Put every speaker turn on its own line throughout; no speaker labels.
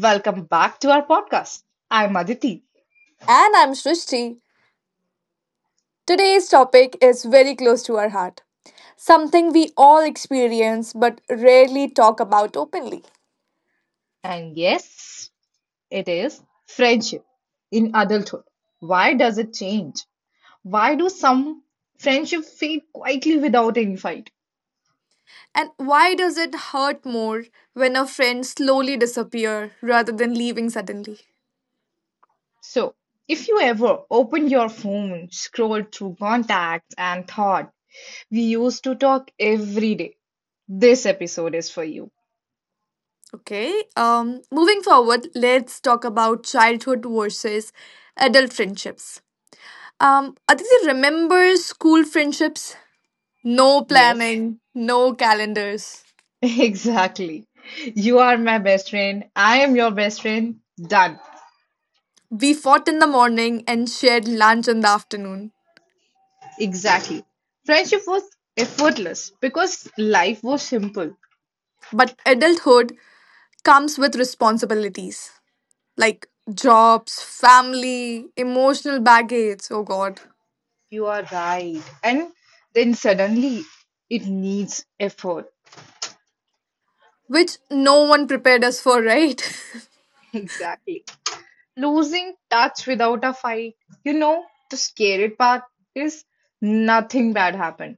Welcome back to our podcast. I'm Aditi,
And I'm Srishti. Today's topic is very close to our heart, something we all experience but rarely talk about openly.
and yes, it is friendship in adulthood. Why does it change? Why do some friendship fade quietly without any fight?
And why does it hurt more when a friend slowly disappear rather than leaving suddenly?
So, if you ever opened your phone, scrolled through contacts, and thought, we used to talk every day, this episode is for you.
Okay, moving forward, let's talk about childhood versus adult friendships. Aditi, remember school friendships? No
Yes,
planning, no calendars.
exactly. You are my best friend. I am your best friend. Done.
We fought in the morning and shared lunch in the afternoon.
Exactly. Friendship was effortless because life was simple.
But adulthood comes with responsibilities like jobs, family, emotional baggage, oh god,
You are right. And then suddenly it needs effort.
which no one prepared us for, right?
Exactly. Losing touch without a fight. You know, the scary part is nothing bad happened.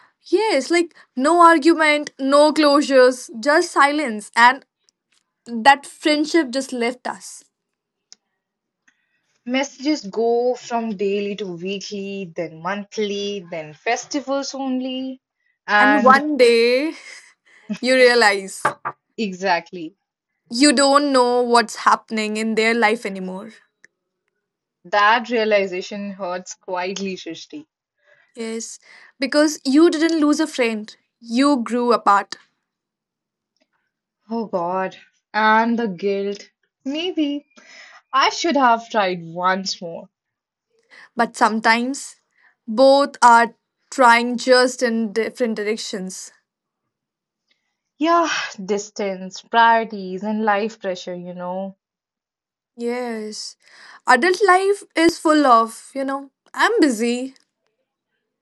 Yes, like no argument, no closures, just silence. And that friendship just left us.
Messages go from daily to weekly, then monthly, then festivals only.
And
And
one day you realize
exactly.
you don't know what's happening in their life anymore.
That realization hurts quietly, Srishti.
Yes, because you didn't lose a friend, you grew apart.
Oh God. And the guilt. Maybe I should have tried once more.
But sometimes both are trying just in different directions.
Yeah, distance, priorities, and life pressure,
Yes. Adult life is full of, I'm busy.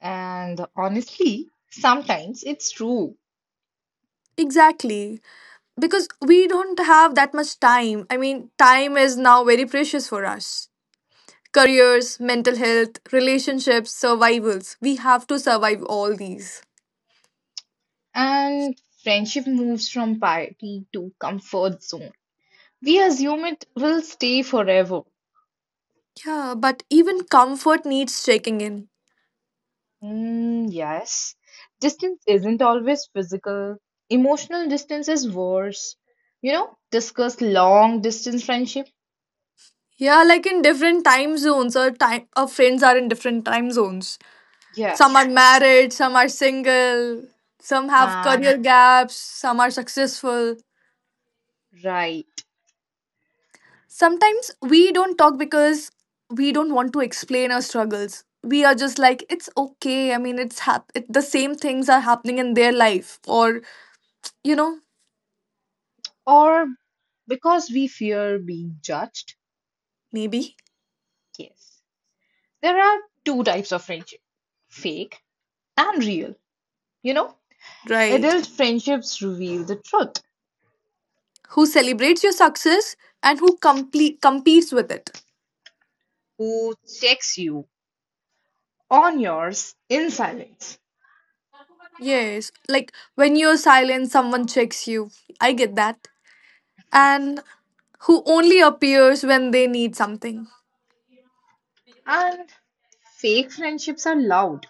And honestly, sometimes it's true.
Exactly. Because we don't have that much time. I mean, time is now very precious for us. Careers, mental health, relationships, survivals. We have to survive all these.
And friendship moves from piety to comfort zone. We assume it will stay forever.
Yeah, but even comfort needs checking in.
Mm, yes. Distance isn't always physical. Emotional distance is worse. Discuss long distance friendship.
Yeah, like in different time zones, or time our friends are in different time zones. Some are
Yes.
married, some are single, some have
And
career gaps, some are successful.
right,
Sometimes we don't talk because we don't want to explain our struggles. We are just like, it's okay. I mean, the same things are happening in their life, or you know,
or because we fear being judged.
maybe.
Yes, there are two types of friendship, fake and real. You know,
Right.
adult friendships reveal the truth,
Who celebrates your success and who complete competes with it?
who checks you on yours in silence,
Yes, like when you're silent, someone checks you. I get that. And who only appears when they need something.
and fake friendships are loud,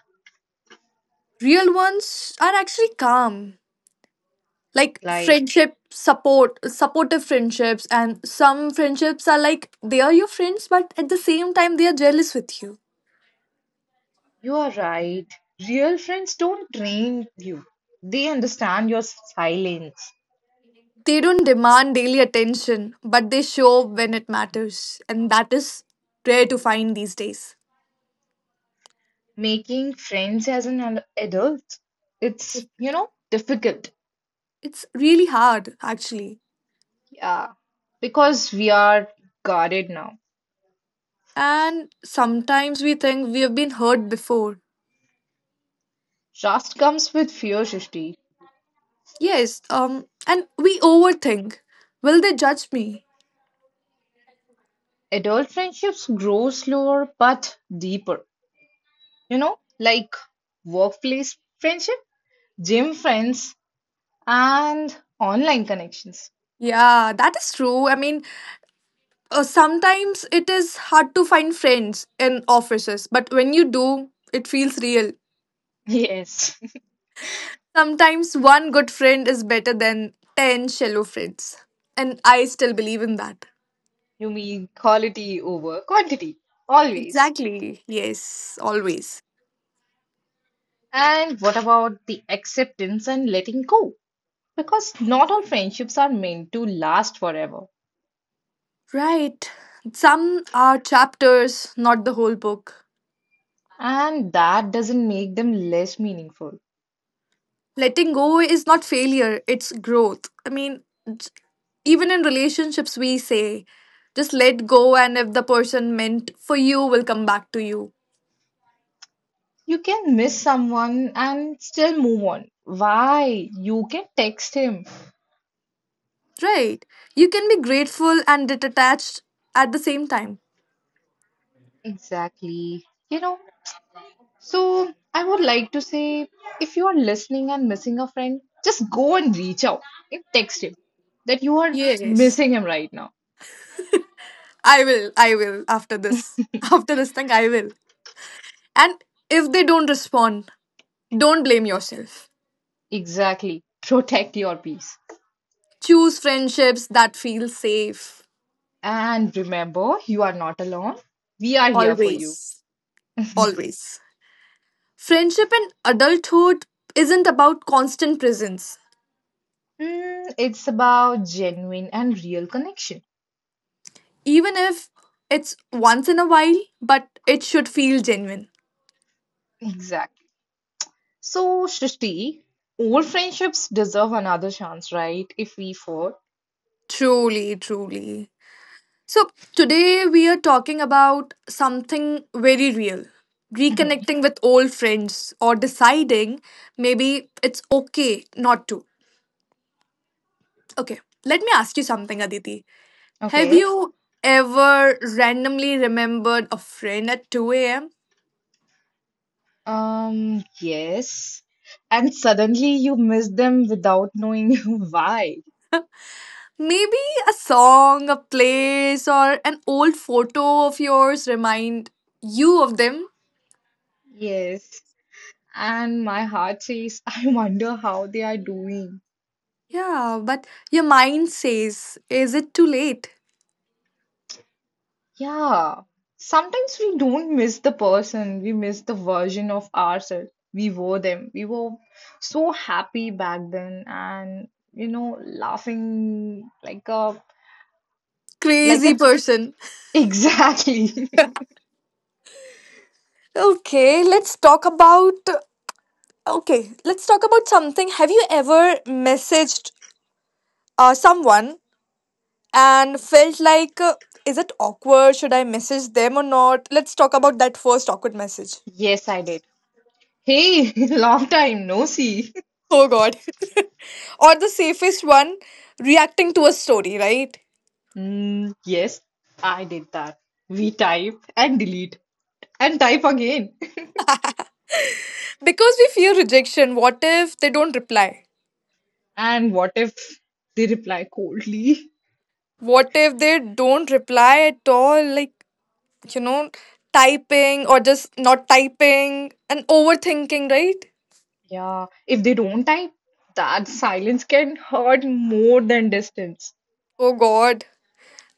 Real ones are actually calm, like
like
friendship, supportive friendships. And some friendships are like, they are your friends, but at the same time they are jealous with you.
you are right. Real friends don't drain you, they understand your silence.
They don't demand daily attention, but they show up when it matters, and that is rare to find these days.
Making friends as an adult, it's difficult.
It's really hard actually.
Yeah, because we are guarded now.
And sometimes we think we have been hurt before.
Trust comes with fear, Shristi.
Yes, and we overthink, will they judge me?
Adult friendships grow slower but deeper. Like workplace friendship, gym friends, and online connections.
Yeah, that is true. I mean, sometimes it is hard to find friends in offices, but when you do, it feels real.
Yes,
Sometimes one good friend is better than 10 shallow friends. And I still believe in that.
you mean quality over quantity, always.
Exactly. Yes, always.
And what about the acceptance and letting go? Because not all friendships are meant to last forever,
Right. Some are chapters, not the whole book.
and that doesn't make them less meaningful.
Letting go is not failure, it's growth. I mean, j- even in relationships, we say just let go, and if the person meant for you will come back to you.
You can miss someone and still move on. Why? You can text him.
Right. You can be grateful and detached at the same time.
Exactly. You know, so I would like to say, if you are listening and missing a friend, just go and reach out and text him that you are
Yes.
missing him right now.
I will. I will after this. After this thing, I will. And if they don't respond, don't blame yourself.
Exactly. Protect your peace.
Choose friendships that feel safe.
And remember, you are not alone. We are here for you.
Always. Always. Friendship in adulthood isn't about constant presence,
Mm, it's about genuine and real connection.
even if it's once in a while, but it should feel genuine.
Exactly. So, Srishti, old friendships deserve another chance, right? If we 4
Truly, truly. So, today we are talking about something very real:
hmm.
reconnecting with old friends, or deciding maybe it's okay not to. Okay, let me ask you something, Aditi. Have
Okay.
you ever randomly remembered a friend at 2 a.m.?
Yes. And suddenly you miss them without knowing why.
Maybe a song, a place, or an old photo of yours remind you of them?
Yes. And my heart says, I wonder how they are doing.
Yeah, but your mind says, is it too late?
Yeah. Sometimes we don't miss the person, we miss the version of ourselves. We were them. We were so happy back then and, laughing like a, like
Crazy
a,
person.
exactly.
Okay, let's talk about. Okay, let's talk about something. Have you ever messaged someone and felt like, is it awkward? Should I message them or not? Let's talk about that first awkward message.
Yes, I did. Hey, long time no see.
Oh God. Or the safest one, reacting to a story, right?
Mm, yes, I did that. We type and delete and type again.
Because we fear rejection. What if they don't reply?
And what if they reply coldly?
What if they don't reply at all? Like, you know, typing or just not typing and overthinking, right?
Yeah, if they don't type, that silence can hurt more than distance.
Oh God.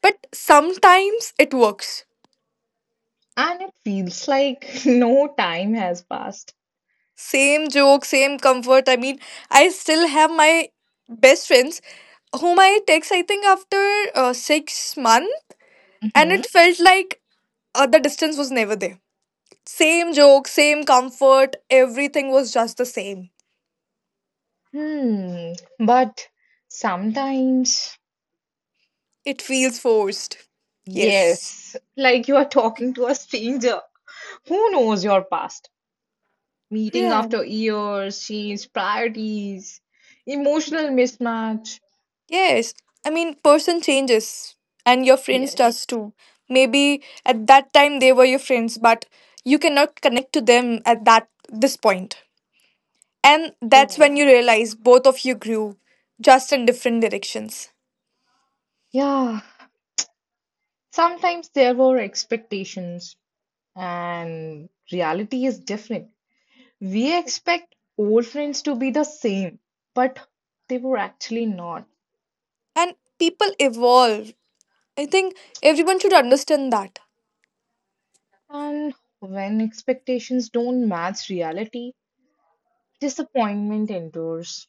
But sometimes it works.
And it feels like no time has passed.
Same joke, same comfort. I mean, I still have my best friends whom I text, I think, after 6 months, and
Mhm.
it felt like the distance was never there. Same joke, same comfort, everything was just the same.
Hmm. But sometimes,
It feels forced. Yes.
yes, like you are talking to a stranger who knows your past. Meeting
Yeah.
after years, changed priorities, emotional mismatch.
Yes, I mean, person changes and your friends
Yes,
does too. Maybe at that time they were your friends, but you cannot connect to them at that this point. And
you're
that's when you
right.
realize both of you grew just in different directions.
Yeah, sometimes there were expectations, and reality is different. We expect old friends to be the same, but they were actually not.
And people evolve. I think everyone should understand that.
And when expectations don't match reality, disappointment endures.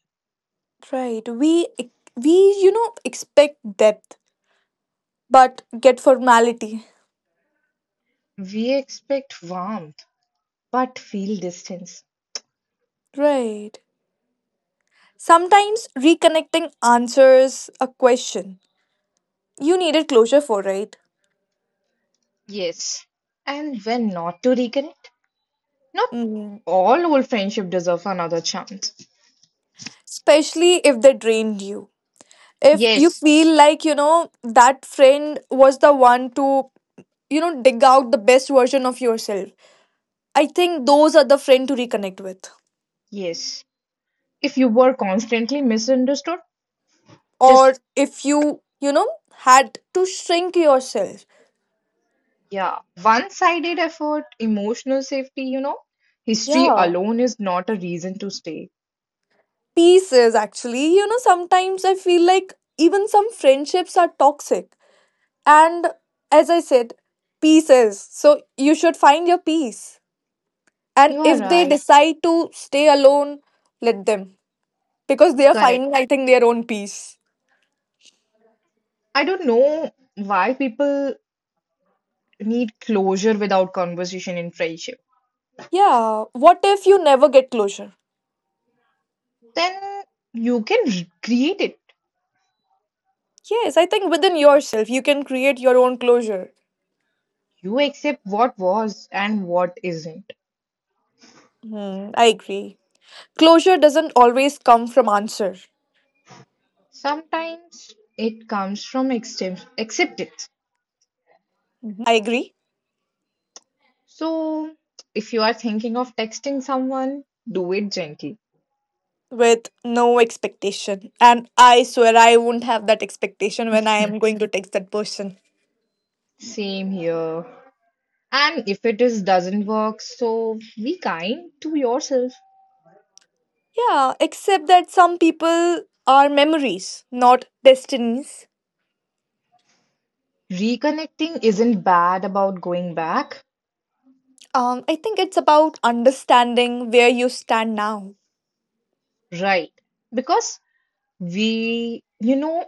Right. We expect depth but get formality.
We expect warmth, but feel distance.
Right. Sometimes reconnecting answers a question you needed closure for, right?
Yes. And when not to reconnect, not
hmm
all old friendship deserve another chance.
Especially if they drained you. If you
Yes.
feel like, that friend was the one to, dig out the best version of yourself. I think those are the friend to reconnect with.
Yes, if you were constantly misunderstood,
Or
just
if you, had to shrink yourself.
yeah, one-sided effort, emotional safety, history
Yeah.
alone is not a reason to stay.
Pieces, actually. Sometimes I feel like even some friendships are toxic. And as I said, pieces. So you should find your peace.
You
And
are
if they
right,
decide to stay alone, let them. Because they are finding,
correct.
I think, their own peace.
I don't know why people need closure without conversation in friendship.
Yeah. What if you never get closure?
Then you can create it.
Yes, I think within yourself, you can create your own closure.
You accept what was and what isn't.
I agree. Closure doesn't always come from answer.
Sometimes it comes from acceptance.
I agree
So, if you are thinking of texting someone, do it gently.
with no expectation. And I swear I won't have that expectation when I am going to text that person.
Same here. And if it is doesn't work, so be kind to yourself.
Yeah, except that some people are memories, not destinies.
Reconnecting isn't bad about going back,
I think it's about understanding where you stand now.
right? Because we,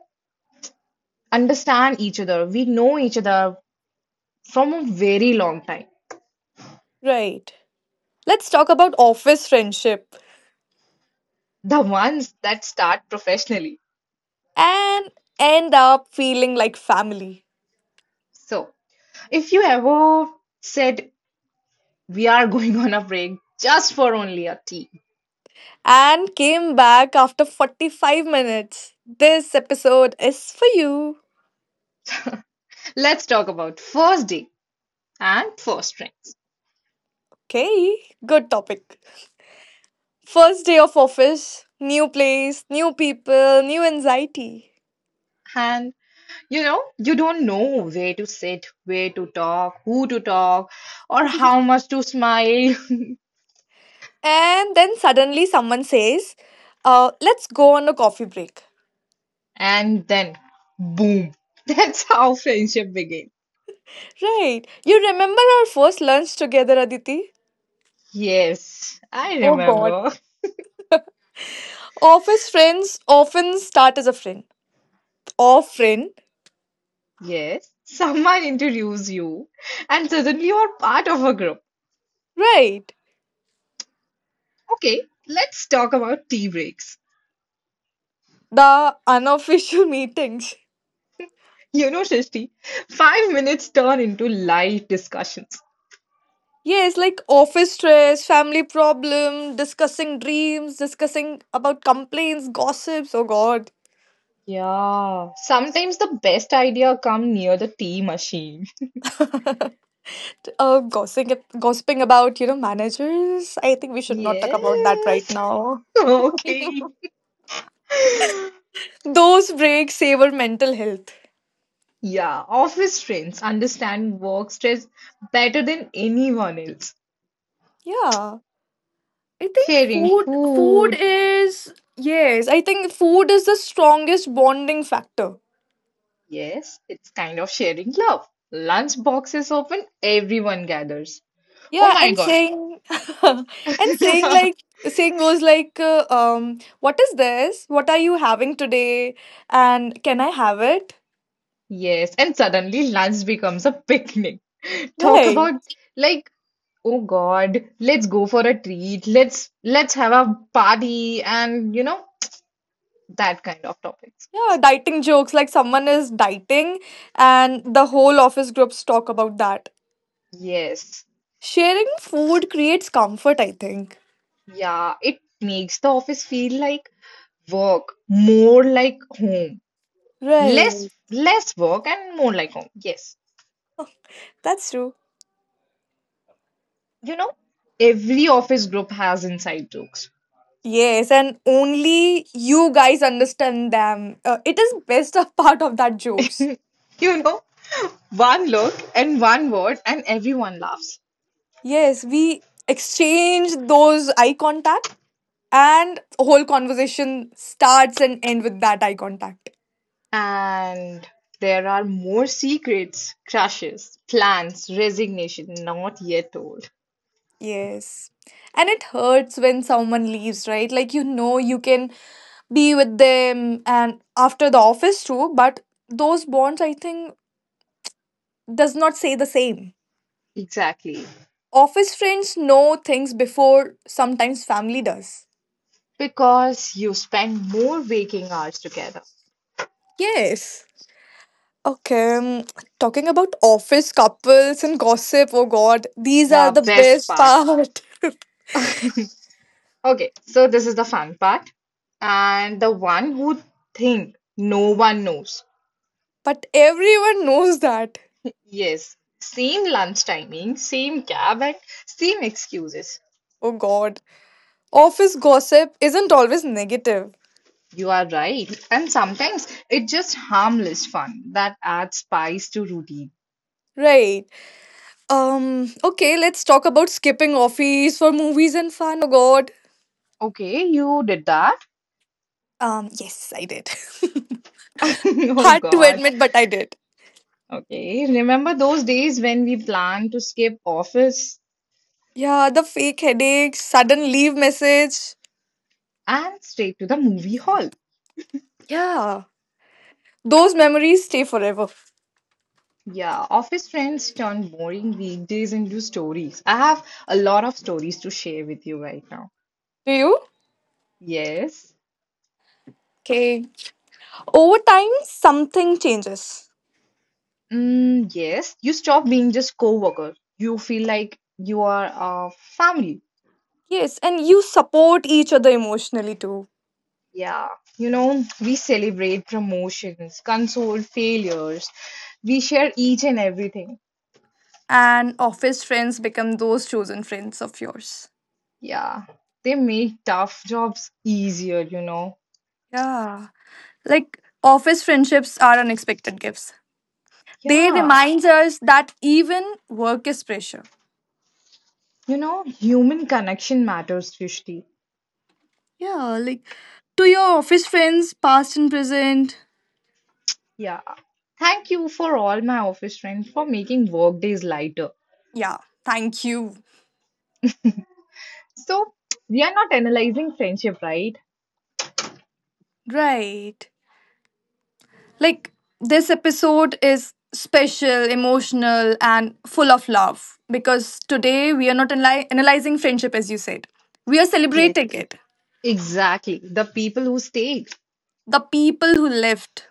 understand each other. We know each other from a very long time,
Right. Let's talk about office friendship
the ones that start professionally.
and end up feeling like family.
So, if you ever said, we are going on a break just for only a tea,
And came back after 45 minutes. This episode is for you.
let's talk about first day and first drinks.
Okay, good topic. First day of office, new place, new people, new anxiety.
And you know, you don't know where to sit, where to talk, who to talk, or how much to smile.
And then suddenly someone says, let's go on a coffee break.
And then, boom, that's how friendship begins.
Right. You remember our first lunch together, Aditi?
Yes, I
Oh God.
remember.
Office friends often start as a friend. Or friend.
Yes, someone introduces you, and suddenly you are part of a group.
Right.
Okay, let's talk about tea breaks.
The unofficial meetings.
You know, Shishti, 5 minutes turn into live discussions.
Yes, like office stress, family problem, discussing dreams, discussing about complaints, gossips. Oh God.
Yeah, sometimes the best idea come near the tea machine.
Gossiping, about, managers. I think we should not talk about that right
Yes.
now.
Okay.
Those breaks save our mental health.
Yeah, office friends understand work stress better than anyone else.
Yeah. I think
Sharing
food
food,
is, yes, I think food is the strongest bonding factor.
yes, it's kind of sharing love. Lunch boxes open, everyone gathers. Oh
Yeah,
my
and
God.
saying and saying, like saying goes, like what is this? What are you having today? And can I have it?
Yes, and suddenly lunch becomes a picnic. Talk
Right.
about like, oh God, let's go for a treat. Let's have a party and you know that kind of topics.
Yeah, dieting jokes, like someone is dieting and the whole office groups talk about that.
Yes.
Sharing food creates comfort, I think.
Yeah, it makes the office feel like work, more like home. Less
Right.
less work and more like home. Yes.
That's true.
You know, every office group has inside jokes.
Yes, and only you guys understand them. It is best of part of that jokes.
You know, one look and one word, and everyone laughs.
Yes, we exchange those eye contact and whole conversation starts and end with that eye contact.
And there are more secrets, crushes, plans, resignation not yet told.
Yes. And it hurts when someone leaves, right? Like, you know, you can be with them and after the office too, but those bonds I think does not say the same.
Exactly.
Office friends know things before sometimes family does.
Because you spend more waking hours together.
Yes. Okay. Talking about office couples and gossip, oh god, these are
Yeah,
the
best
best
part.
part.
Okay, so this is the fun part. And the one who think no one knows,
But everyone knows that.
yes, same lunch timing, same cab, and same excuses.
Oh god. Office gossip isn't always negative.
You are right. And sometimes it's just harmless fun that adds spice to routine.
Right. Okay, let's talk about skipping office for movies and fun. Oh god.
Okay, you did that.
Yes, I did.
Oh
Hard to
God.
admit, but I did.
Okay, remember those days when we planned to skip office
Yeah, the fake headaches, sudden leave message.
and straight to the movie hall?
Yeah. Those memories stay forever.
Yeah, office friends turn boring weekdays into stories. I have a lot of stories to share with you right now.
Do you?
Yes.
Okay. Over time, something changes.
Mm, yes, you stop being just co-worker. You feel like you are a family.
Yes, and you support each other emotionally too.
Yeah, you know, we celebrate promotions, console failures, we share each and everything.
And office friends become those chosen friends of yours.
Yeah, they make tough jobs easier,
Yeah. Like, office friendships are unexpected gifts. They
Yeah,
remind us that even work is pressure.
you know, human connection matters, Srishti.
Yeah, like to your office friends, past and present.
Yeah. Thank you for all my office friends for making work days lighter.
Yeah, thank you.
So, we are not analyzing friendship, right?
Right. Like, this episode is special, emotional, and full of love because today we are not analyzing friendship as you said. We are
Yes.
celebrating it.
Exactly. The people who stayed
The people who lived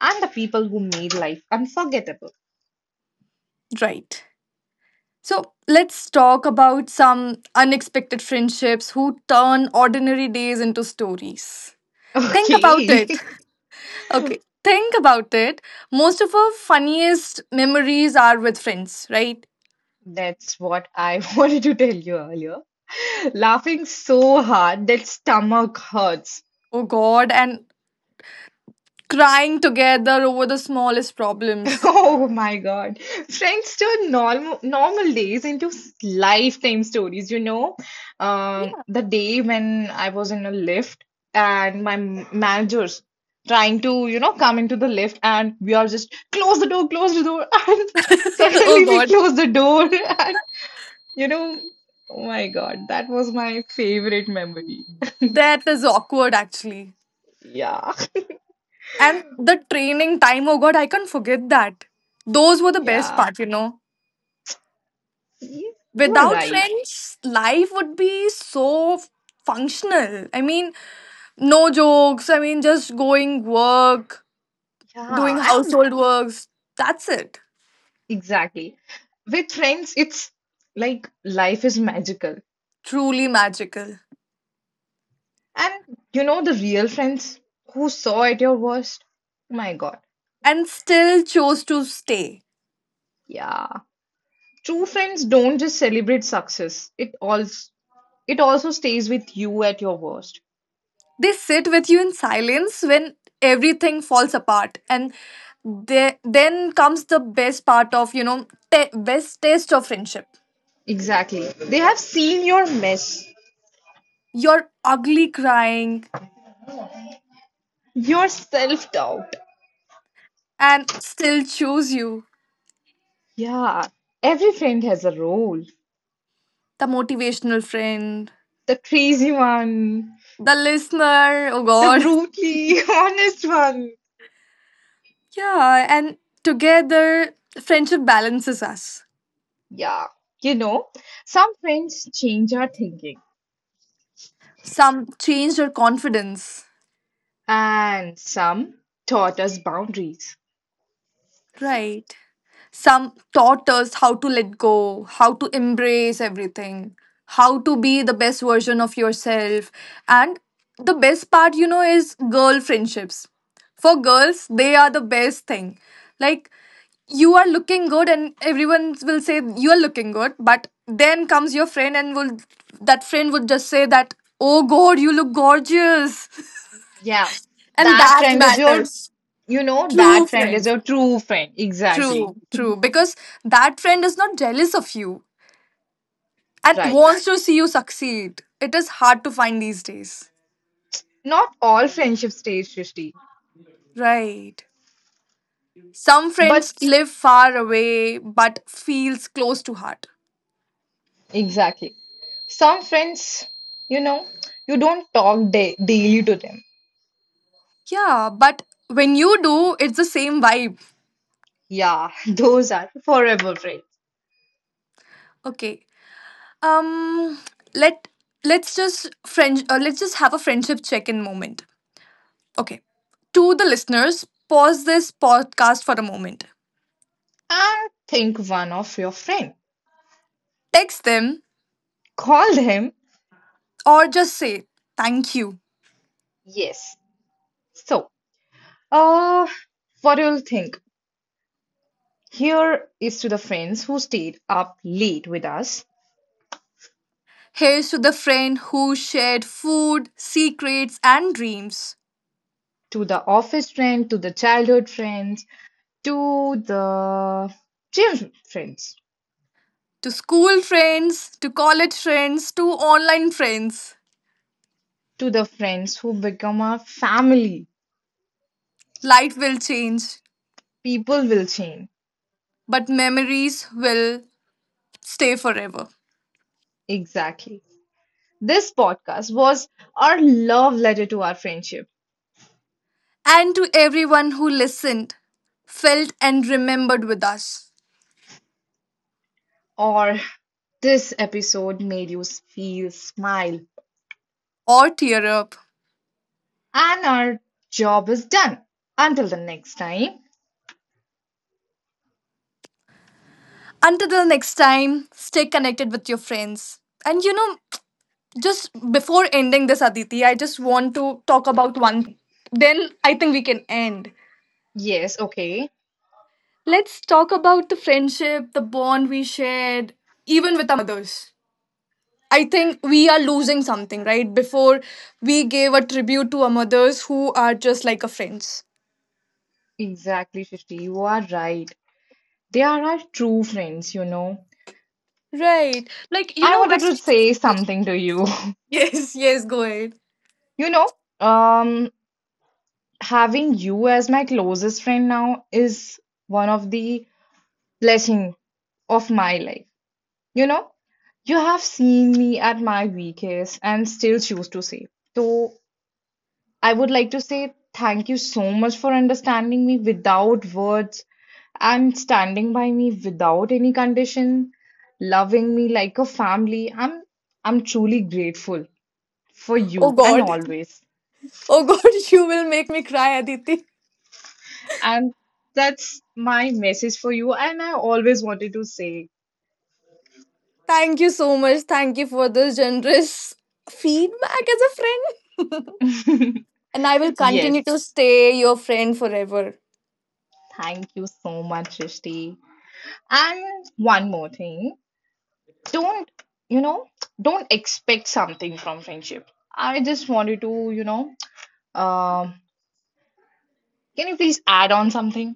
and the people who made life unforgettable.
right. So, let's talk about some unexpected friendships who turn ordinary days into stories. Think about
Okay.
it. Okay. Think about it. Most of our funniest memories are with friends, right?
That's what I wanted to tell you earlier. Laughing so hard that stomach hurts.
Oh God, and crying together over the smallest problems.
Oh my God. Friends turn normal days into lifetime stories, you know. Um, the day when I was in a lift and my managers trying to, you know, come into the lift and we are just close the door, and
Oh
suddenly we
god,
close the door and you know, oh my God, that was my favorite memory.
that is awkward actually.
Yeah,
And the training time, oh god, I can't forget that. Those were the best
yeah.
part, you know.
You you are
Without
right.
friends, life would be so functional. I mean, no jokes, I mean, just going work, doing
Yeah,
household works. That's it.
exactly. With friends, it's like life is magical.
Truly magical.
And you know the real friends who saw at your worst? Oh my God.
And still chose to stay.
Yeah. True friends don't just celebrate success. It also stays with you at your worst.
They sit with you in silence when everything falls apart. And then comes the best part of, you know ta best taste of friendship,
Exactly. They have seen your mess,
your ugly crying,
your self-doubt.
and still choose you.
Yeah. Every friend has a role.
The motivational friend,
The crazy one,
the listener, oh
the
god.
brutally honest one.
Yeah, and together friendship balances us.
Yeah, you know, some friends change our thinking,
Some change your confidence,
and some taught us boundaries.
right? Some taught us how to let go, how to embrace everything, how to be the best version of yourself. And the best part, is girl friendships. For girls, they are the best thing. Like, you are looking good, and everyone will say, You are looking good. But then comes your friend, and will that friend would just say that, Oh God, you look gorgeous.
Yeah,
And
that
that
friend is your,
matters. True
that friend is
friends.
your true friend. Exactly.
True, true. Because that friend is not jealous of you and
Right.
wants to see you succeed. It is hard to find these days.
Not all friendship stays, Srishti,
Right. Some
but
friends live far away but feels close to heart.
exactly. Some friends, you know, you don't talk da daily to them.
Yeah, but when you do, it's the same vibe.
Yeah, those are forever friends.
Okay. Um let let's just friend let's just have a friendship check-in moment. Okay. To the listeners, pause this podcast for a moment.
And think one of your friend
Text them
called him.
or just say thank you.
Yes. So. Uh, what you'll think. Here is to the friends who stayed up late with us,
Here's to the friend who shared food, secrets, and dreams.
to the office friend, to the childhood friends, to the gym friends,
To school friends, to college friends, to online friends.
to the friends who become our family.
Life will change,
People will change.
but memories will stay forever.
Exactly. This podcast was our love letter to our friendship,
And to everyone who listened, felt, and remembered with us,
or this episode made you feel smile.
or tear up.
And our job is done. Until the next time.
Until the next time, stay connected with your friends. And you know, just before ending this, Aditi, I just want to talk about one thing. Then I think we can end.
Yes, okay.
Let's talk about the friendship, the bond we shared, even with our mothers. I think we are losing something, right? Before we gave a tribute to our mothers who are just like our friends.
Exactly, Shishti, you are right. They are our true friends, you know.
Right. Like, you
I
know,
wanted
when.
to say something to you.
Yes, yes, go ahead.
You know, um, having you as my closest friend now is one of the blessing of my life. You know, you have seen me at my weakest and still choose to save. So I would like to say thank you so much for understanding me without words and standing by me without any condition, loving me like a family. I'm truly grateful for
Oh
you and
God.
always.
Oh God, you will make me cry, Aditi.
And that's my message for you and I always wanted to say
Thank you so much. Thank you for this generous feedback as a friend. And I will
yes.
continue to stay your friend forever.
Thank you so much, Rishti. And one more thing. Don't, you know, don't expect something from friendship. I just wanted to, um, can you please add on something?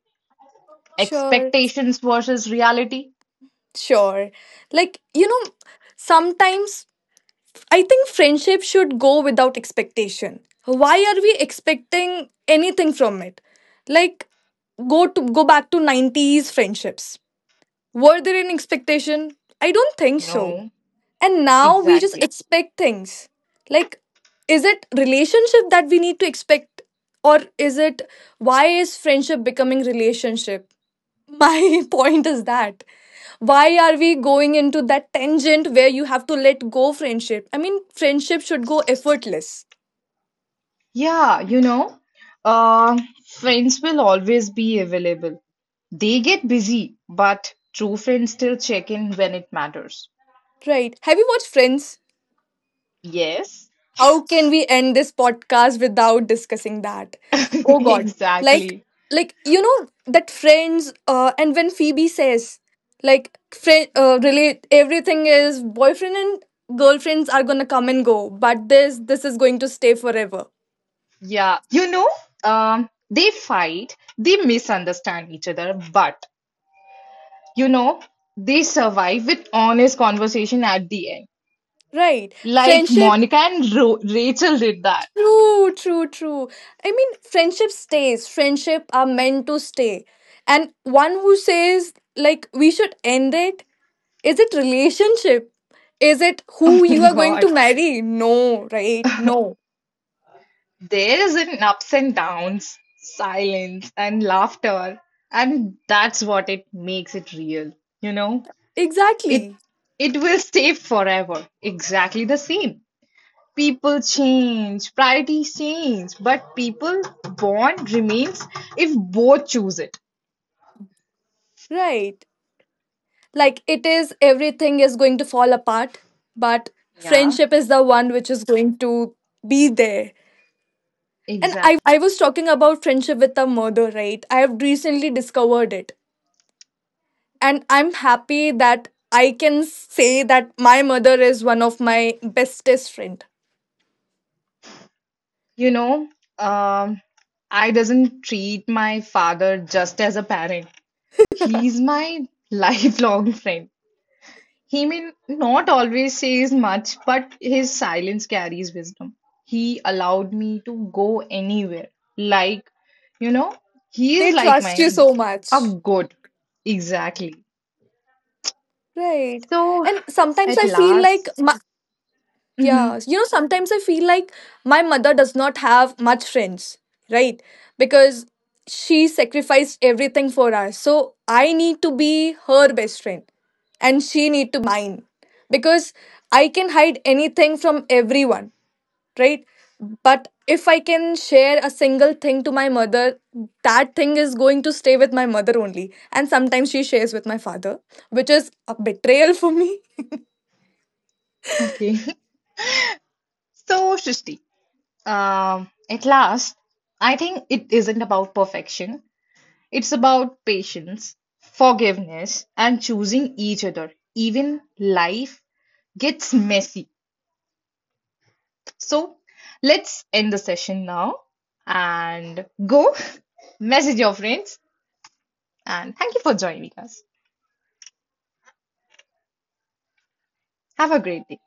Sure.
Expectations versus reality.
Sure. Like, you know, sometimes I think friendship should go without expectation. Why are we expecting anything from it? Like, go back to 90s friendships. Were there an expectation? I don't think so.
No,
And now we just
exactly.
expect things. Like, is it relationship that we need to expect or is it why is friendship becoming relationship? My point is that why are we going into that tangent where you have to let go friendship. I mean, friendship should go effortless,
Yeah, uh, friends will always be available. They get busy, but true friends still check in when it matters.
right? Have you watched Friends?
Yes,
How can we end this podcast without discussing that? Oh God. like
exactly.
like you know that friends and when Phoebe says like friend relate, everything is boyfriend and girlfriends are going to come and go, but this is going to stay forever,
Yeah, they fight, they misunderstand each other, but you know, they survive with honest conversation at the end,
right?
like
Friendship.
Monica and Ro Rachel did that.
True, true, true. I mean, friendship stays. Friendship are meant to stay. And one who says like we should end it, is it relationship? Is it who you are going
God.
to marry? No, right? No.
There is an ups and downs, silence and laughter, and that's what it makes it real, you know? It
Exactly.
it will stay forever, exactly the same. People change, priorities change, but people bond remains if both choose it.
Right. Like it is, everything is going to fall apart, but
Yeah.
friendship is the one which is going to be there. And
Exactly.
I was talking about friendship with a murder, right? I have recently discovered it and I'm happy that I can say that my mother is one of my bestest friend.
You know, um, I doesn't treat my father just as a parent. He's my lifelong friend. He may not always says much, but his silence carries wisdom. He allowed me to go anywhere. Like, you know, he is
They
like
trust you
my
so
a
much,
goat. Exactly.
right?
So
And sometimes
at
I feel like
last,
yeah,
mhm,
you know, sometimes I feel like my mother does not have much friends, right? Because she sacrificed everything for us, so I need to be her best friend and she need to be mine, because I can hide anything from everyone, right? But if I can share a single thing to my mother, that thing is going to stay with my mother only. And sometimes she shares with my father, which is a betrayal for me.
okay. So Shristi, at last, I think it isn't about perfection. It's about patience, forgiveness, and choosing each other. Even life gets messy. So let's end the session now and go message your friends. And thank you for joining us. Have a great day.